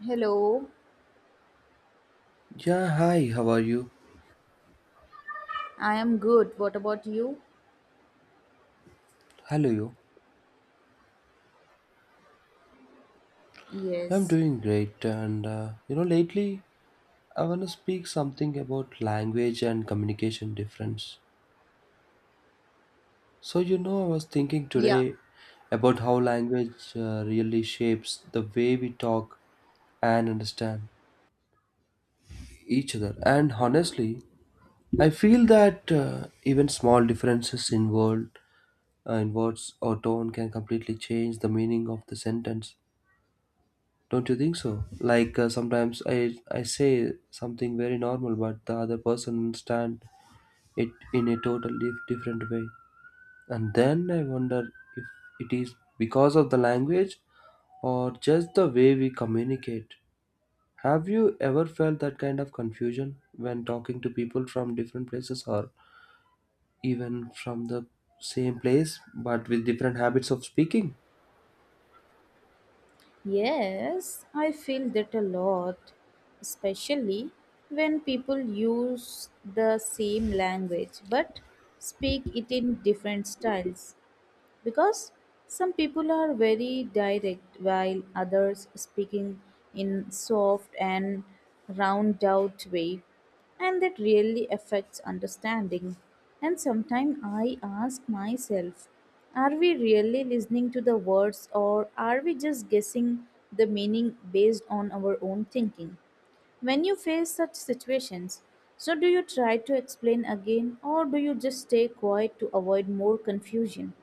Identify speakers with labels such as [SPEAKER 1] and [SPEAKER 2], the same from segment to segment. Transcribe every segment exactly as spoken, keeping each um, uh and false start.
[SPEAKER 1] Hello,
[SPEAKER 2] Yeah, hi, how are you?
[SPEAKER 1] I am good. What about you?
[SPEAKER 2] Hello, you. I'm
[SPEAKER 1] Yes.
[SPEAKER 2] doing great, and uh, you know, lately I want to speak something about language and communication difference. So, you know, I was thinking
[SPEAKER 1] Yeah.
[SPEAKER 2] today about how language uh, really shapes the way we talk and understand each other. And honestly, I feel that uh, even small differences in word, uh, in words or tone can completely change the meaning of the sentence. Don't you think so? Like uh, sometimes I I say something very normal, but the other person understand it in a totally different way, and then I wonder if it is because of the language or just the way we communicate. Have you ever felt that kind of confusion when talking to people from different places or even from the same place but with different habits of speaking?
[SPEAKER 1] Yes, I feel that a lot, especially when people use the same language but speak it in different styles. Because some people are very direct while others speaking in soft and round out way, and that really affects understanding. And sometimes I ask myself, are we really listening to the words, or are we just guessing the meaning based on our own thinking? When you face such situations, so do you try to explain again, or do you just stay quiet to avoid more confusion?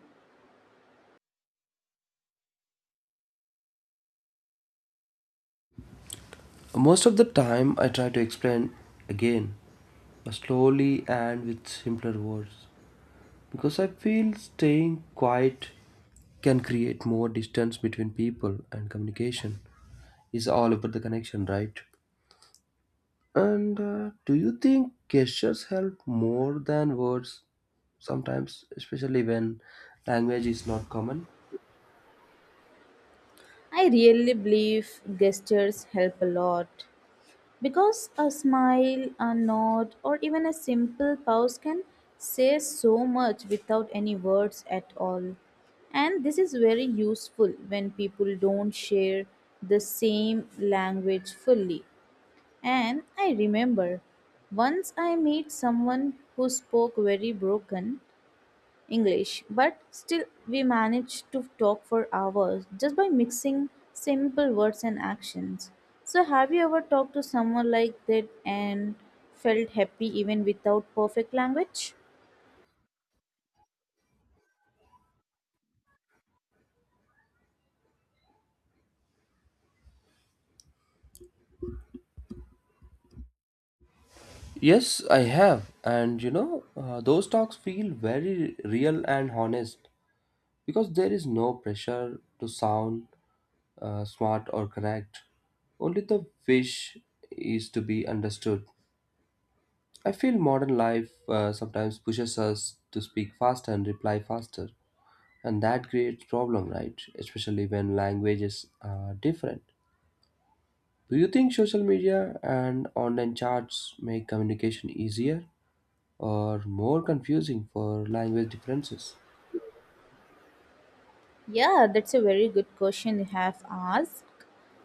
[SPEAKER 2] Most of the time, I try to explain again slowly and with simpler words. Because I feel staying quiet can create more distance between people, and communication is all about the connection, right? And uh, do you think gestures help more than words sometimes, especially when language is not common?
[SPEAKER 1] I really believe gestures help a lot because a smile, a nod, or even a simple pause can say so much without any words at all. And this is very useful when people don't share the same language fully. And I remember once I met someone who spoke very broken English, but still we managed to talk for hours just by mixing simple words and actions. So, have you ever talked to someone like that and felt happy even without perfect language?
[SPEAKER 2] Yes, I have. And you know, uh, those talks feel very real and honest because there is no pressure to sound uh, smart or correct. Only the wish is to be understood. I feel modern life uh, sometimes pushes us to speak faster and reply faster, and that creates problem, right? Especially when languages are different. Do you think social media and online chats make communication easier or more confusing for language differences?
[SPEAKER 1] Yeah, that's a very good question you have asked.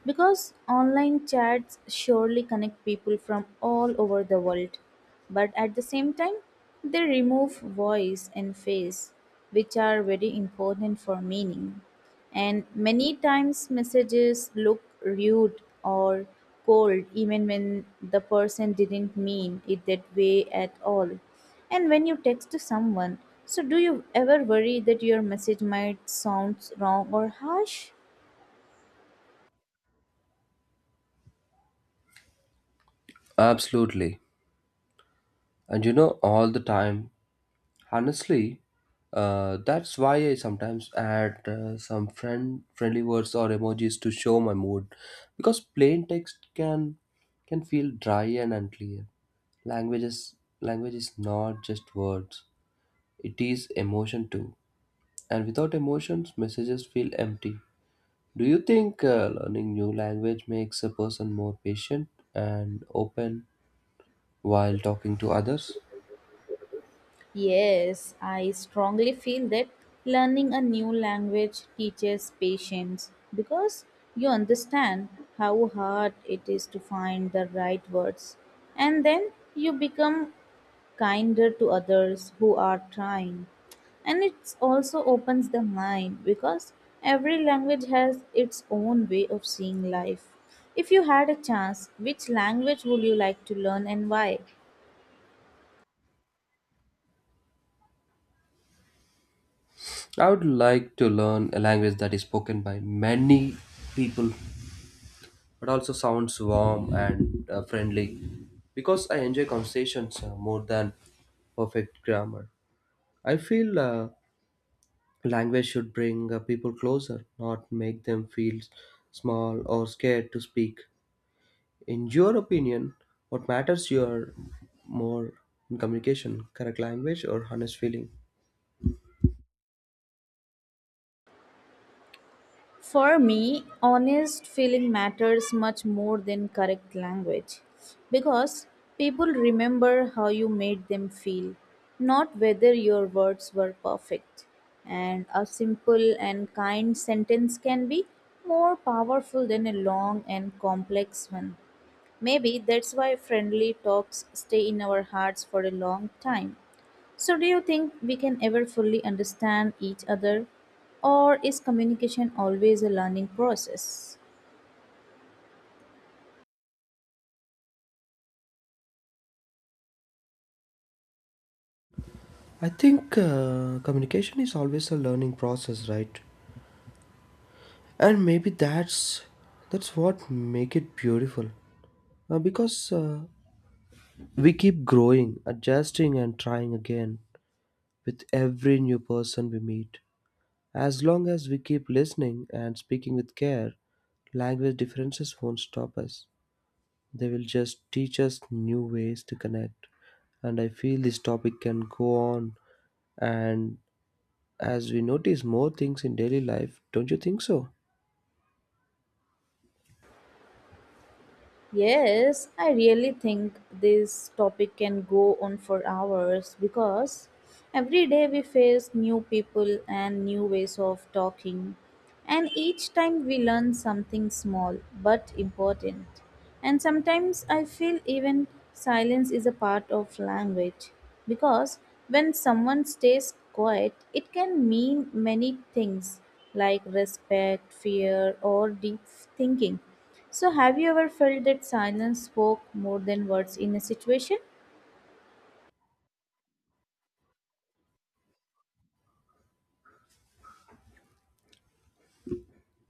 [SPEAKER 1] Because online chats surely connect people from all over the world, but at the same time, they remove voice and face, which are very important for meaning. And many times, messages look rude or cold even when the person didn't mean it that way at all. And when you text to someone, so do you ever worry that your message might sound wrong or harsh?
[SPEAKER 2] Absolutely. And you know, all the time. Honestly, uh, that's why I sometimes add uh, some friend friendly words or emojis to show my mood, because plain text can can feel dry and unclear. Language is language is not just words; it is emotion too. And without emotions, messages feel empty. Do you think uh, learning new language makes a person more patient and open while talking to others?
[SPEAKER 1] Yes, I strongly feel that learning a new language teaches patience because you understand how hard it is to find the right words, and then you become kinder to others who are trying. And it also opens the mind because every language has its own way of seeing life. If you had a chance, which language would you like to learn and why?
[SPEAKER 2] I would like to learn a language that is spoken by many people, but also sounds warm and uh, friendly because I enjoy conversations uh, more than perfect grammar. I feel uh, language should bring uh, people closer, not make them feel small or scared to speak. In your opinion, what matters your more in communication, correct language or honest feeling?
[SPEAKER 1] For me, honest feeling matters much more than correct language because people remember how you made them feel, not whether your words were perfect. And a simple and kind sentence can be more powerful than a long and complex one. Maybe that's why friendly talks stay in our hearts for a long time. So, do you think we can ever fully understand each other, or is communication always a learning process?
[SPEAKER 2] I think uh, communication is always a learning process, right? And maybe that's that's what make it beautiful. Uh, because uh, we keep growing adjusting and trying again with every new person we meet as long as we keep listening and speaking with care. Language differences won't stop us. They will just teach us new ways to connect. And I feel this topic can go on and as we notice more things in daily life, don't you think so?
[SPEAKER 1] Yes, I really think this topic can go on for hours because every day we face new people and new ways of talking, and each time we learn something small but important. And sometimes I feel even silence is a part of language because when someone stays quiet, it can mean many things like respect, fear, or deep thinking. So, have you ever felt that silence spoke more than words in a situation?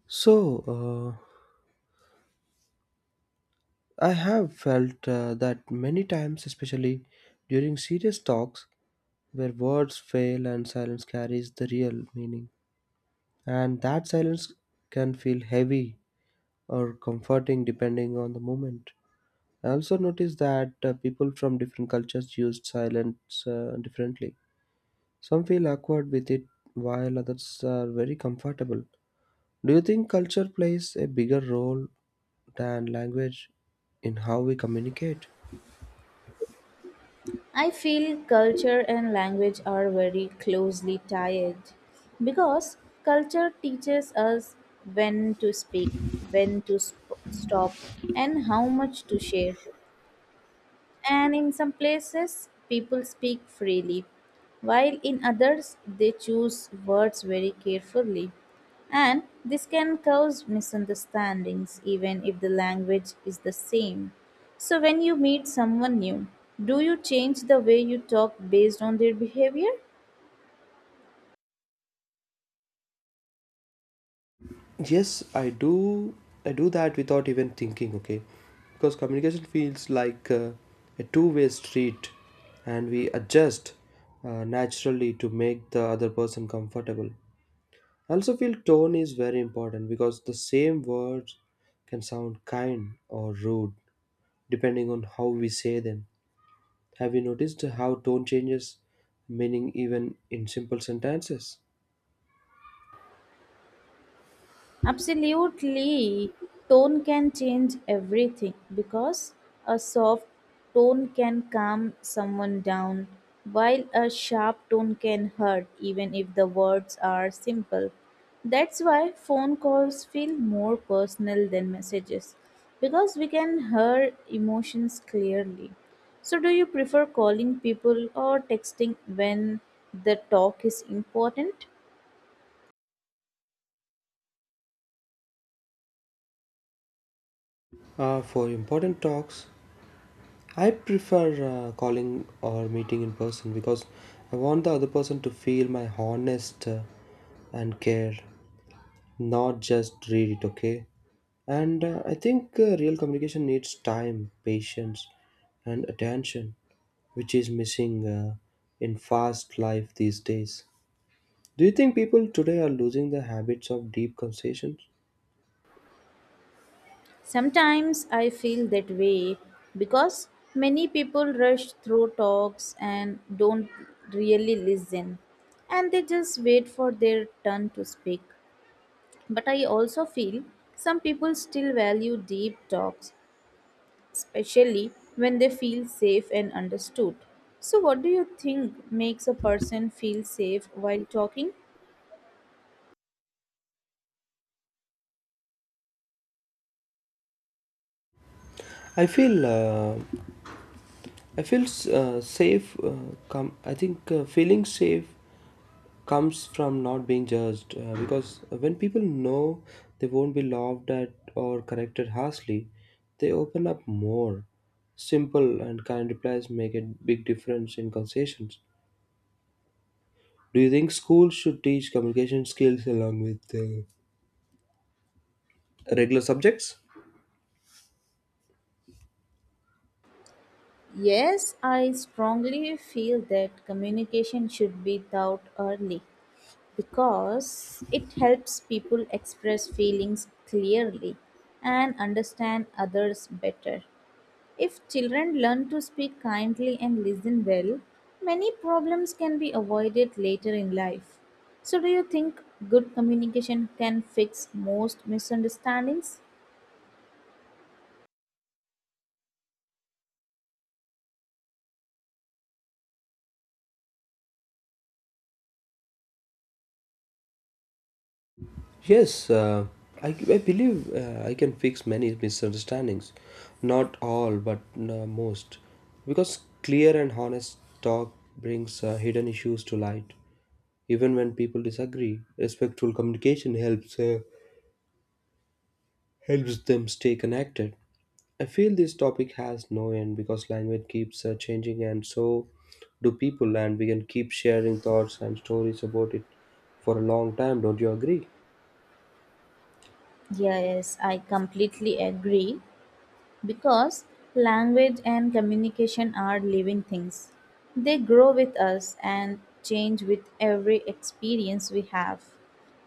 [SPEAKER 2] so uh, I have felt uh, that many times, especially during serious talks where words fail and silence carries the real meaning. And that silence can feel heavy or comforting depending on the moment. I also noticed that uh, people from different cultures use silence uh, differently. Some feel awkward with it while others are very comfortable. Do you think culture plays a bigger role than language in how we communicate?
[SPEAKER 1] I feel culture and language are very closely tied because culture teaches us when to speak, when to sp- stop, and how much to share. And in some places people speak freely, while in others they choose words very carefully, and this can cause misunderstandings even if the language is the same. So when you meet someone new, do you change the way you talk based on their behavior?
[SPEAKER 2] Yes, I do. I do that without even thinking, okay? Because communication feels like uh, a two-way street, and we adjust uh, naturally to make the other person comfortable. I also feel tone is very important because the same words can sound kind or rude depending on how we say them. Have you noticed how tone changes meaning even in simple sentences?
[SPEAKER 1] Absolutely. Tone can change everything because a soft tone can calm someone down, while a sharp tone can hurt, even if the words are simple. That's why phone calls feel more personal than messages because we can hear emotions clearly. So, do you prefer calling people or texting when the talk is important?
[SPEAKER 2] Uh, for important talks, I prefer uh, calling or meeting in person because I want the other person to feel my honest uh, and care, not just read it, okay? And uh, I think uh, real communication needs time, patience, and attention, which is missing uh, in fast life these days. Do you think people today are losing the habits of deep conversations?
[SPEAKER 1] Sometimes I feel that way because many people rush through talks and don't really listen, and they just wait for their turn to speak. But I also feel some people still value deep talks, especially when they feel safe and understood. So, what do you think makes a person feel safe while talking?
[SPEAKER 2] I feel uh, I feel uh, safe. Uh, com- I think uh, feeling safe comes from not being judged uh, because when people know they won't be laughed at or corrected harshly, they open up more. Simple and kind replies make a big difference in conversations. Do you think schools should teach communication skills along with uh, regular subjects?
[SPEAKER 1] Yes, I strongly feel that communication should be taught early because it helps people express feelings clearly and understand others better. If children learn to speak kindly and listen well, many problems can be avoided later in life. So, do you think good communication can fix most misunderstandings?
[SPEAKER 2] Yes, uh, I, I believe uh, I can fix many misunderstandings. Not all, but uh, most. Because clear and honest talk brings uh, hidden issues to light. Even when people disagree, respectful communication helps uh, helps them stay connected. I feel this topic has no end because language keeps uh, changing, and so do people, and we can keep sharing thoughts and stories about it for a long time. Don't you agree?
[SPEAKER 1] Yes, I completely agree. Because language and communication are living things, they grow with us and change with every experience we have.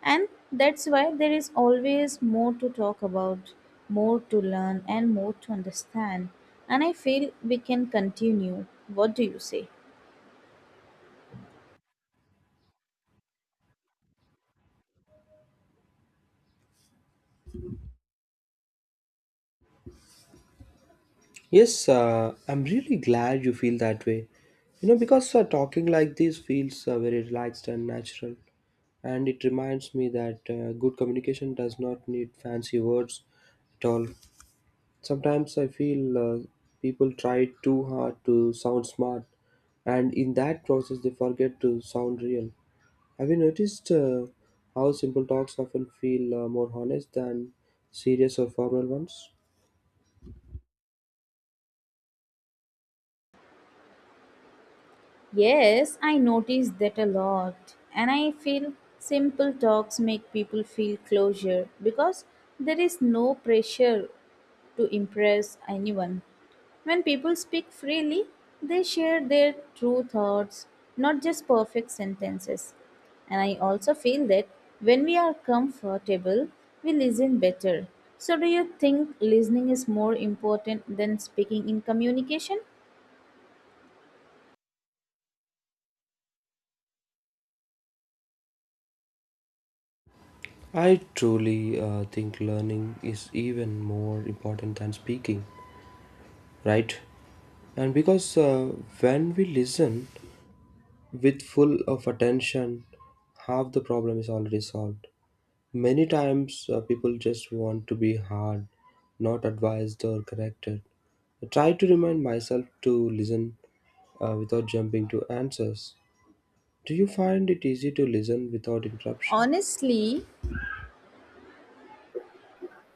[SPEAKER 1] And that's why there is always more to talk about, more to learn, and more to understand. And I feel we can continue. What do you say?
[SPEAKER 2] Yes, uh, I'm really glad you feel that way. You know, because uh, talking like this feels uh, very relaxed and natural. And it reminds me that uh, good communication does not need fancy words at all. Sometimes I feel uh, people try too hard to sound smart, and in that process, they forget to sound real. Have you noticed uh, how simple talks often feel uh, more honest than serious or formal ones?
[SPEAKER 1] Yes, I notice that a lot. And I feel simple talks make people feel closure because there is no pressure to impress anyone. When people speak freely, they share their true thoughts, not just perfect sentences. And I also feel that when we are comfortable, we listen better. So, do you think listening is more important than speaking in communication?
[SPEAKER 2] I truly uh, think learning is even more important than speaking, right? And because uh, when we listen with full of attention, half the problem is already solved. Many times uh, people just want to be hard, not advised or corrected. I try to remind myself to listen uh, without jumping to answers. Do you find it easy to listen without interruption?
[SPEAKER 1] Honestly,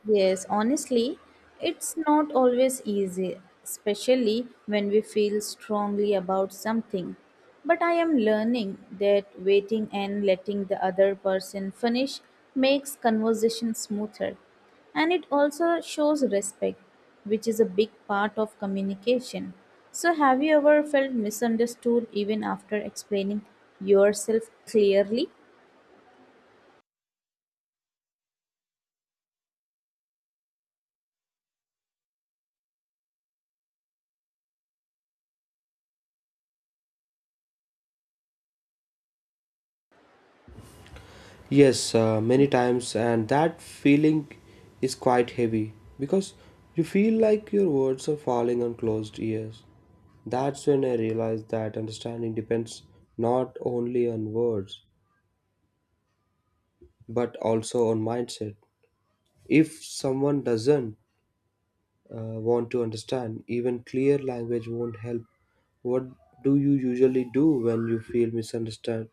[SPEAKER 1] yes, honestly, it's not always easy, especially when we feel strongly about something. But I am learning that waiting and letting the other person finish makes conversation smoother. And it also shows respect, which is a big part of communication. So, have you ever felt misunderstood even after explaining yourself clearly?
[SPEAKER 2] Yes, uh, many times, and that feeling is quite heavy because you feel like your words are falling on closed ears. That's when I realized that understanding depends not only on words but also on mindset. If someone doesn't uh, want to understand, even clear language won't help. What do you usually do when you feel misunderstood?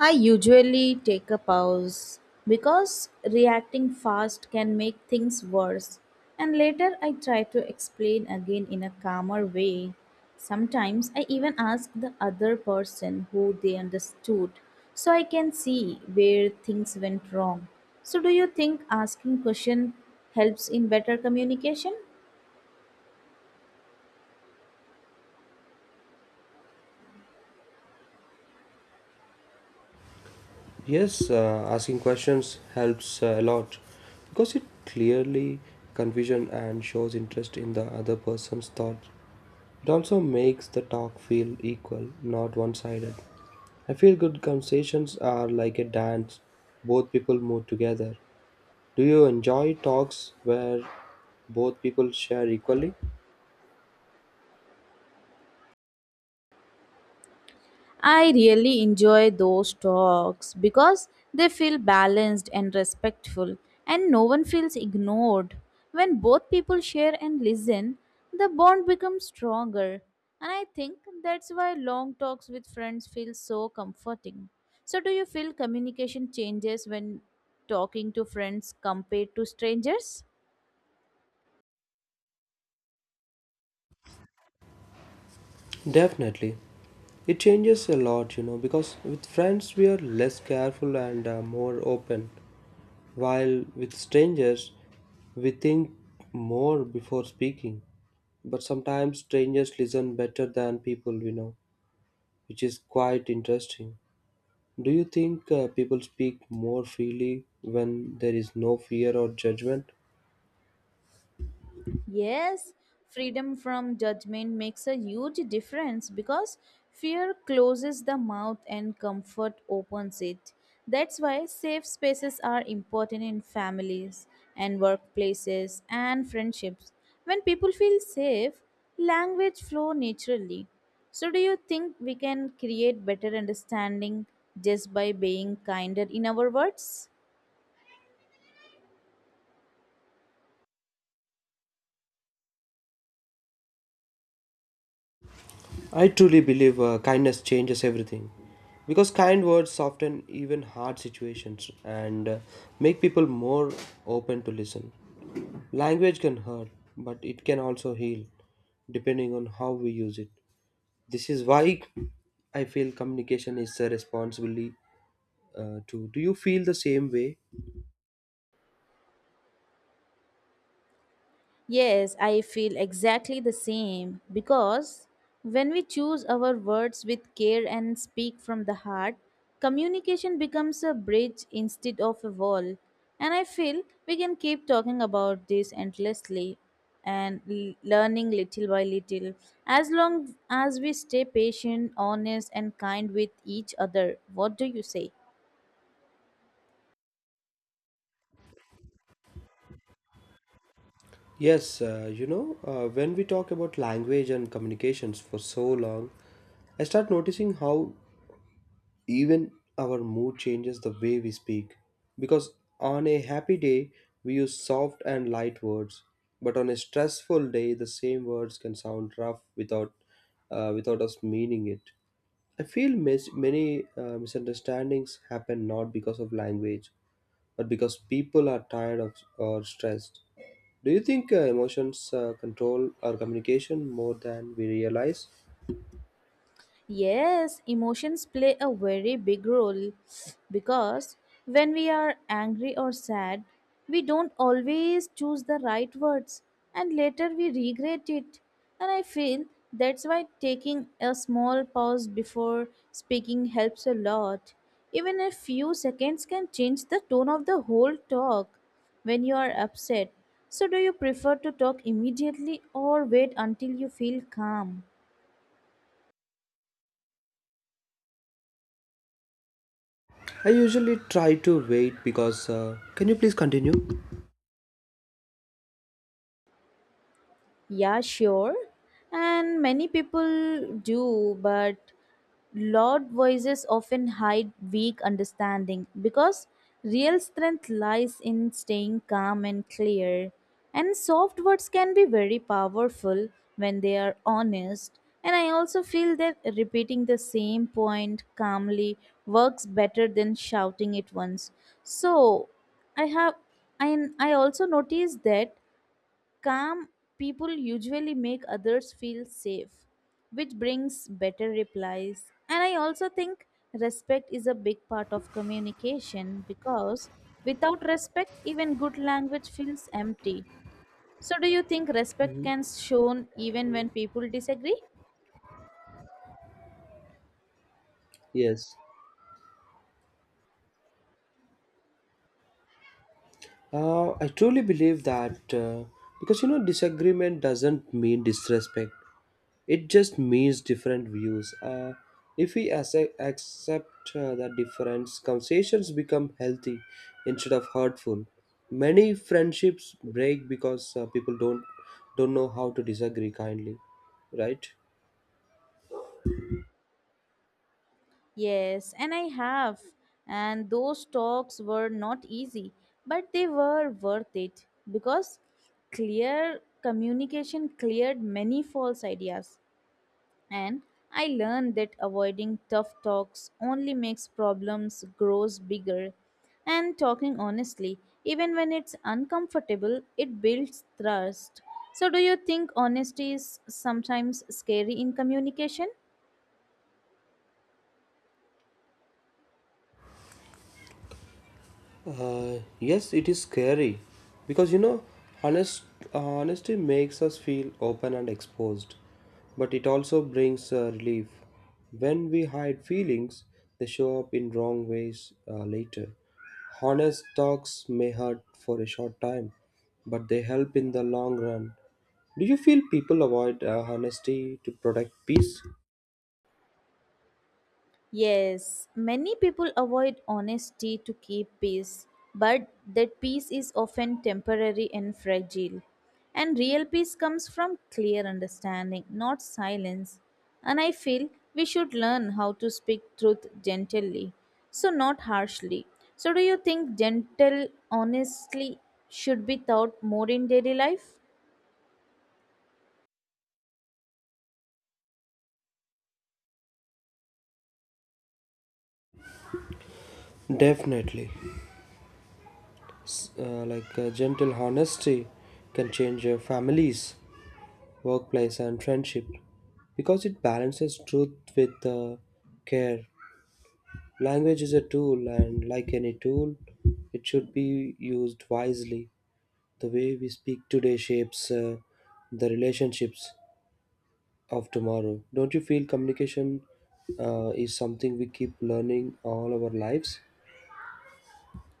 [SPEAKER 1] I usually take a pause because reacting fast can make things worse, and later I try to explain again in a calmer way. Sometimes I even ask the other person who they understood, so I can see where things went wrong. So, do you think asking question helps in better communication?
[SPEAKER 2] Yes, uh, asking questions helps uh, a lot because it clearly confusion and shows interest in the other person's thought. It also makes the talk feel equal, not one-sided. I feel good conversations are like a dance. Both people move together. Do you enjoy talks where both people share equally?
[SPEAKER 1] I really enjoy those talks because they feel balanced and respectful, and no one feels ignored. When both people share and listen, the bond becomes stronger, and I think that's why long talks with friends feel so comforting. So, do you feel communication changes when talking to friends compared to strangers?
[SPEAKER 2] Definitely. It changes a lot, you know, because with friends we are less careful and uh, more open, while with strangers we think more before speaking. But sometimes strangers listen better than people we know, which is quite interesting. Do you think uh, people speak more freely when there is no fear or judgment?
[SPEAKER 1] Yes, freedom from judgment makes a huge difference because fear closes the mouth and comfort opens it. That's why safe spaces are important in families and workplaces and friendships. When people feel safe, language flow naturally. So do you think we can create better understanding just by being kinder in our words?
[SPEAKER 2] I truly believe uh, kindness changes everything because kind words soften even hard situations and uh, make people more open to listen. Language can hurt, but it can also heal depending on how we use it. This is why I feel communication is a responsibility uh, too. Do you feel the same way?
[SPEAKER 1] Yes, I feel exactly the same because when we choose our words with care and speak from the heart, communication becomes a bridge instead of a wall. And I feel we can keep talking about this endlessly and l- learning little by little, as long as we stay patient, honest, and kind with each other. What do you say?
[SPEAKER 2] Yes, uh, you know, uh, when we talk about language and communications for so long, I start noticing how Even our mood changes the way we speak. Because on a happy day, we use soft and light words. But on a stressful day, the same words can sound rough without, uh, without us meaning it. I feel mis- many uh, misunderstandings happen not because of language, but because people are tired of or stressed. Do you think uh, emotions uh, control our communication more than we realize?
[SPEAKER 1] Yes, emotions play a very big role because when we are angry or sad, we don't always choose the right words and later we regret it. And I feel that's why taking a small pause before speaking helps a lot. Even a few seconds can change the tone of the whole talk when you are upset. So, do you prefer to talk immediately or wait until you feel calm?
[SPEAKER 2] I usually try to wait because. Uh, can you please continue?
[SPEAKER 1] Yeah, sure. And many people do, but loud voices often hide weak understanding because real strength lies in staying calm and clear. And soft words can be very powerful when they are honest. And I also feel that repeating the same point calmly works better than shouting it once. So, I have, and I also noticed that calm people usually make others feel safe, which brings better replies. And I also think respect is a big part of communication because without respect, even good language feels empty. So, do you think respect
[SPEAKER 2] Mhm.
[SPEAKER 1] can shown even when people disagree?
[SPEAKER 2] Yes, uh, I truly believe that uh, because you know disagreement doesn't mean disrespect. It just means different views. Uh, if we accept, accept uh, that difference, conversations become healthy instead of hurtful. Many friendships break because uh, people don't don't know how to disagree kindly, right?
[SPEAKER 1] Yes, and I have. And those talks were not easy, but they were worth it because clear communication cleared many false ideas. And I learned that avoiding tough talks only makes problems grows bigger, and talking honestly, even when it's uncomfortable, it builds trust. So do you think honesty is sometimes scary in communication?
[SPEAKER 2] Uh, yes, it is scary because you know, honest uh, honesty makes us feel open and exposed, but it also brings uh, relief. When we hide feelings, they show up in wrong ways uh, later. Honest talks may hurt for a short time, but they help in the long run. Do you feel people avoid uh, honesty to protect peace?
[SPEAKER 1] Yes, many people avoid honesty to keep peace, but that peace is often temporary and fragile. And real peace comes from clear understanding, not silence. And I feel we should learn how to speak truth gently, so not harshly. So, do you think gentle honestly should be taught more in daily life?
[SPEAKER 2] Definitely. Uh, like uh, gentle honesty can change uh, families, workplace, and friendship because it balances truth with uh, care. Language is a tool, and like any tool, it should be used wisely. The way we speak today shapes uh, the relationships of tomorrow. Don't you feel communication uh, is something we keep learning all our lives?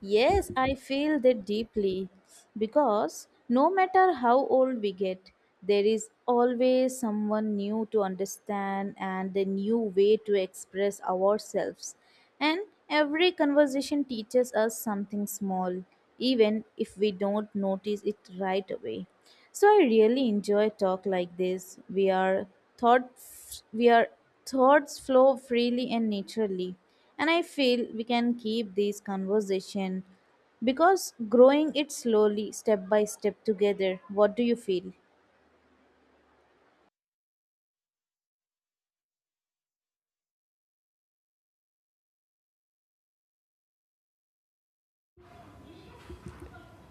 [SPEAKER 1] Yes, I feel that deeply because no matter how old we get, there is always someone new to understand and a new way to express ourselves. And every conversation teaches us something small, even if we don't notice it right away. So I really enjoy talk like this. We are thought we are thoughts flow freely and naturally, and I feel we can keep this conversation because growing it slowly step by step together. What do you feel?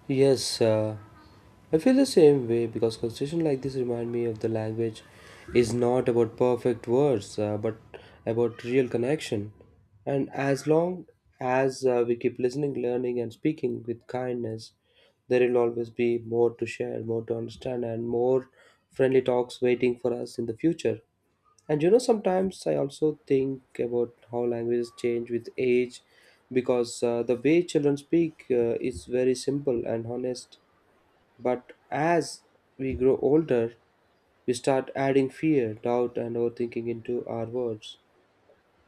[SPEAKER 2] Yes, uh, I feel the same way because conversation like this remind me of the language is not about perfect words, uh, but about real connection. And as long as uh, we keep listening, learning, and speaking with kindness, there will always be more to share, more to understand, and more friendly talks waiting for us in the future. And you know, sometimes I also think about how languages change with age because uh, the way children speak uh, is very simple and honest. But as we grow older, we start adding fear, doubt, and overthinking into our words.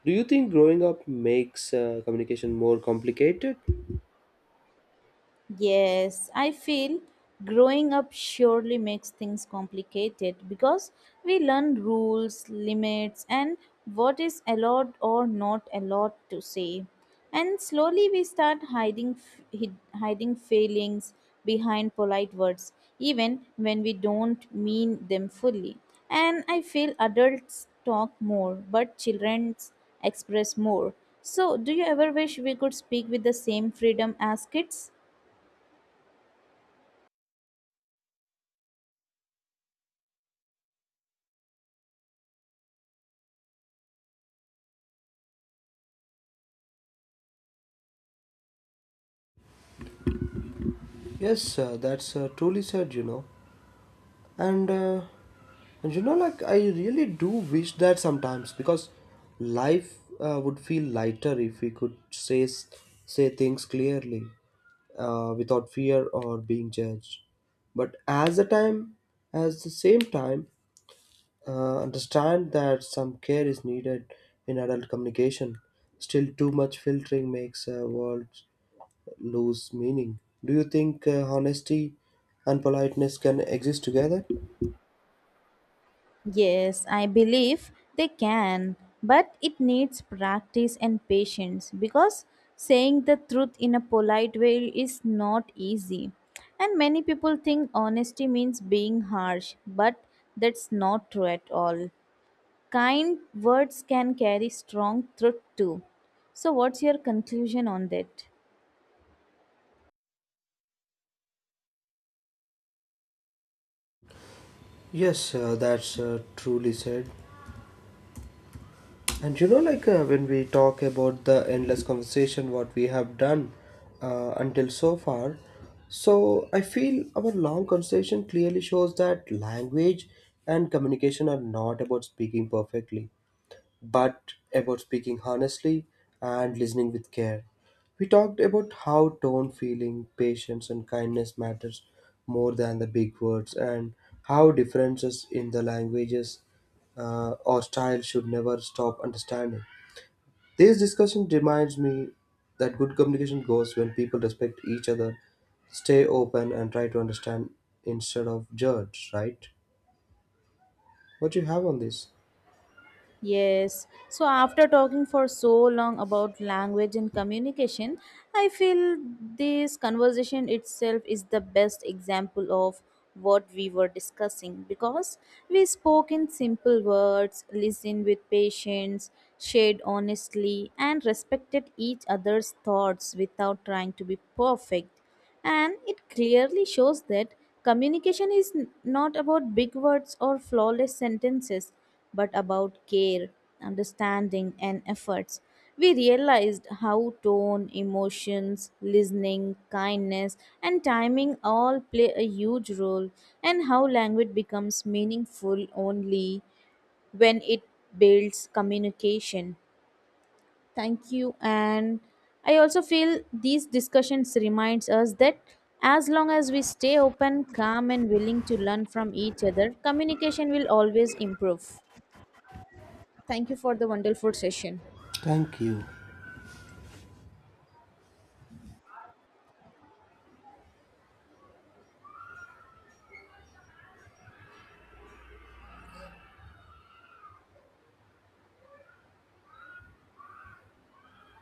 [SPEAKER 2] Do you think growing up makes uh, communication more complicated?
[SPEAKER 1] Yes, I feel growing up surely makes things complicated because we learn rules, limits, and what is allowed or not allowed to say. And slowly we start hiding f- hid- hiding feelings behind polite words even when we don't mean them fully. And I feel adults talk more but children express more. So, do you ever wish we could speak with the same freedom as kids?
[SPEAKER 2] Yes, uh, that's uh, truly said, you know. and uh, and you know, like I really do wish that sometimes because life uh, would feel lighter if we could say s- say things clearly uh, without fear or being judged, but as the time as the same time uh, understand that some care is needed in adult communication. Still too much filtering makes a world lose meaning. Do you think uh, honesty and politeness can exist together?
[SPEAKER 1] Yes, I believe they can, but it needs practice and patience because saying the truth in a polite way is not easy. And many people think honesty means being harsh, but that's not true at all. Kind words can carry strong truth too. So, what's your conclusion on that?
[SPEAKER 2] Yes, uh, that's uh, truly said. And you know, like uh, when we talk about the endless conversation, what we have done uh, until so far, so I feel our long conversation clearly shows that language and communication are not about speaking perfectly but about speaking honestly and listening with care. We talked about how tone, feeling, patience, and kindness matters more than the big words, and how differences in the languages uh, or style should never stop understanding. This discussion reminds me that good communication goes when people respect each other, stay open, and try to understand instead of judge. Right? What do you have on this?
[SPEAKER 1] Yes. So after talking for so long about language and communication, I feel this conversation itself is the best example of what we were discussing because we spoke in simple words, listened with patience, shared honestly, and respected each other's thoughts without trying to be perfect. And it clearly shows that communication is n- not about big words or flawless sentences, but about care, understanding, and efforts. We realized how tone, emotions, listening, kindness, and timing all play a huge role, and how language becomes meaningful only when it builds communication. Thank you. And I also feel these discussions reminds us that as long as we stay open, calm and willing to learn from each other, communication will always improve. Thank you for the wonderful session.
[SPEAKER 2] Thank you.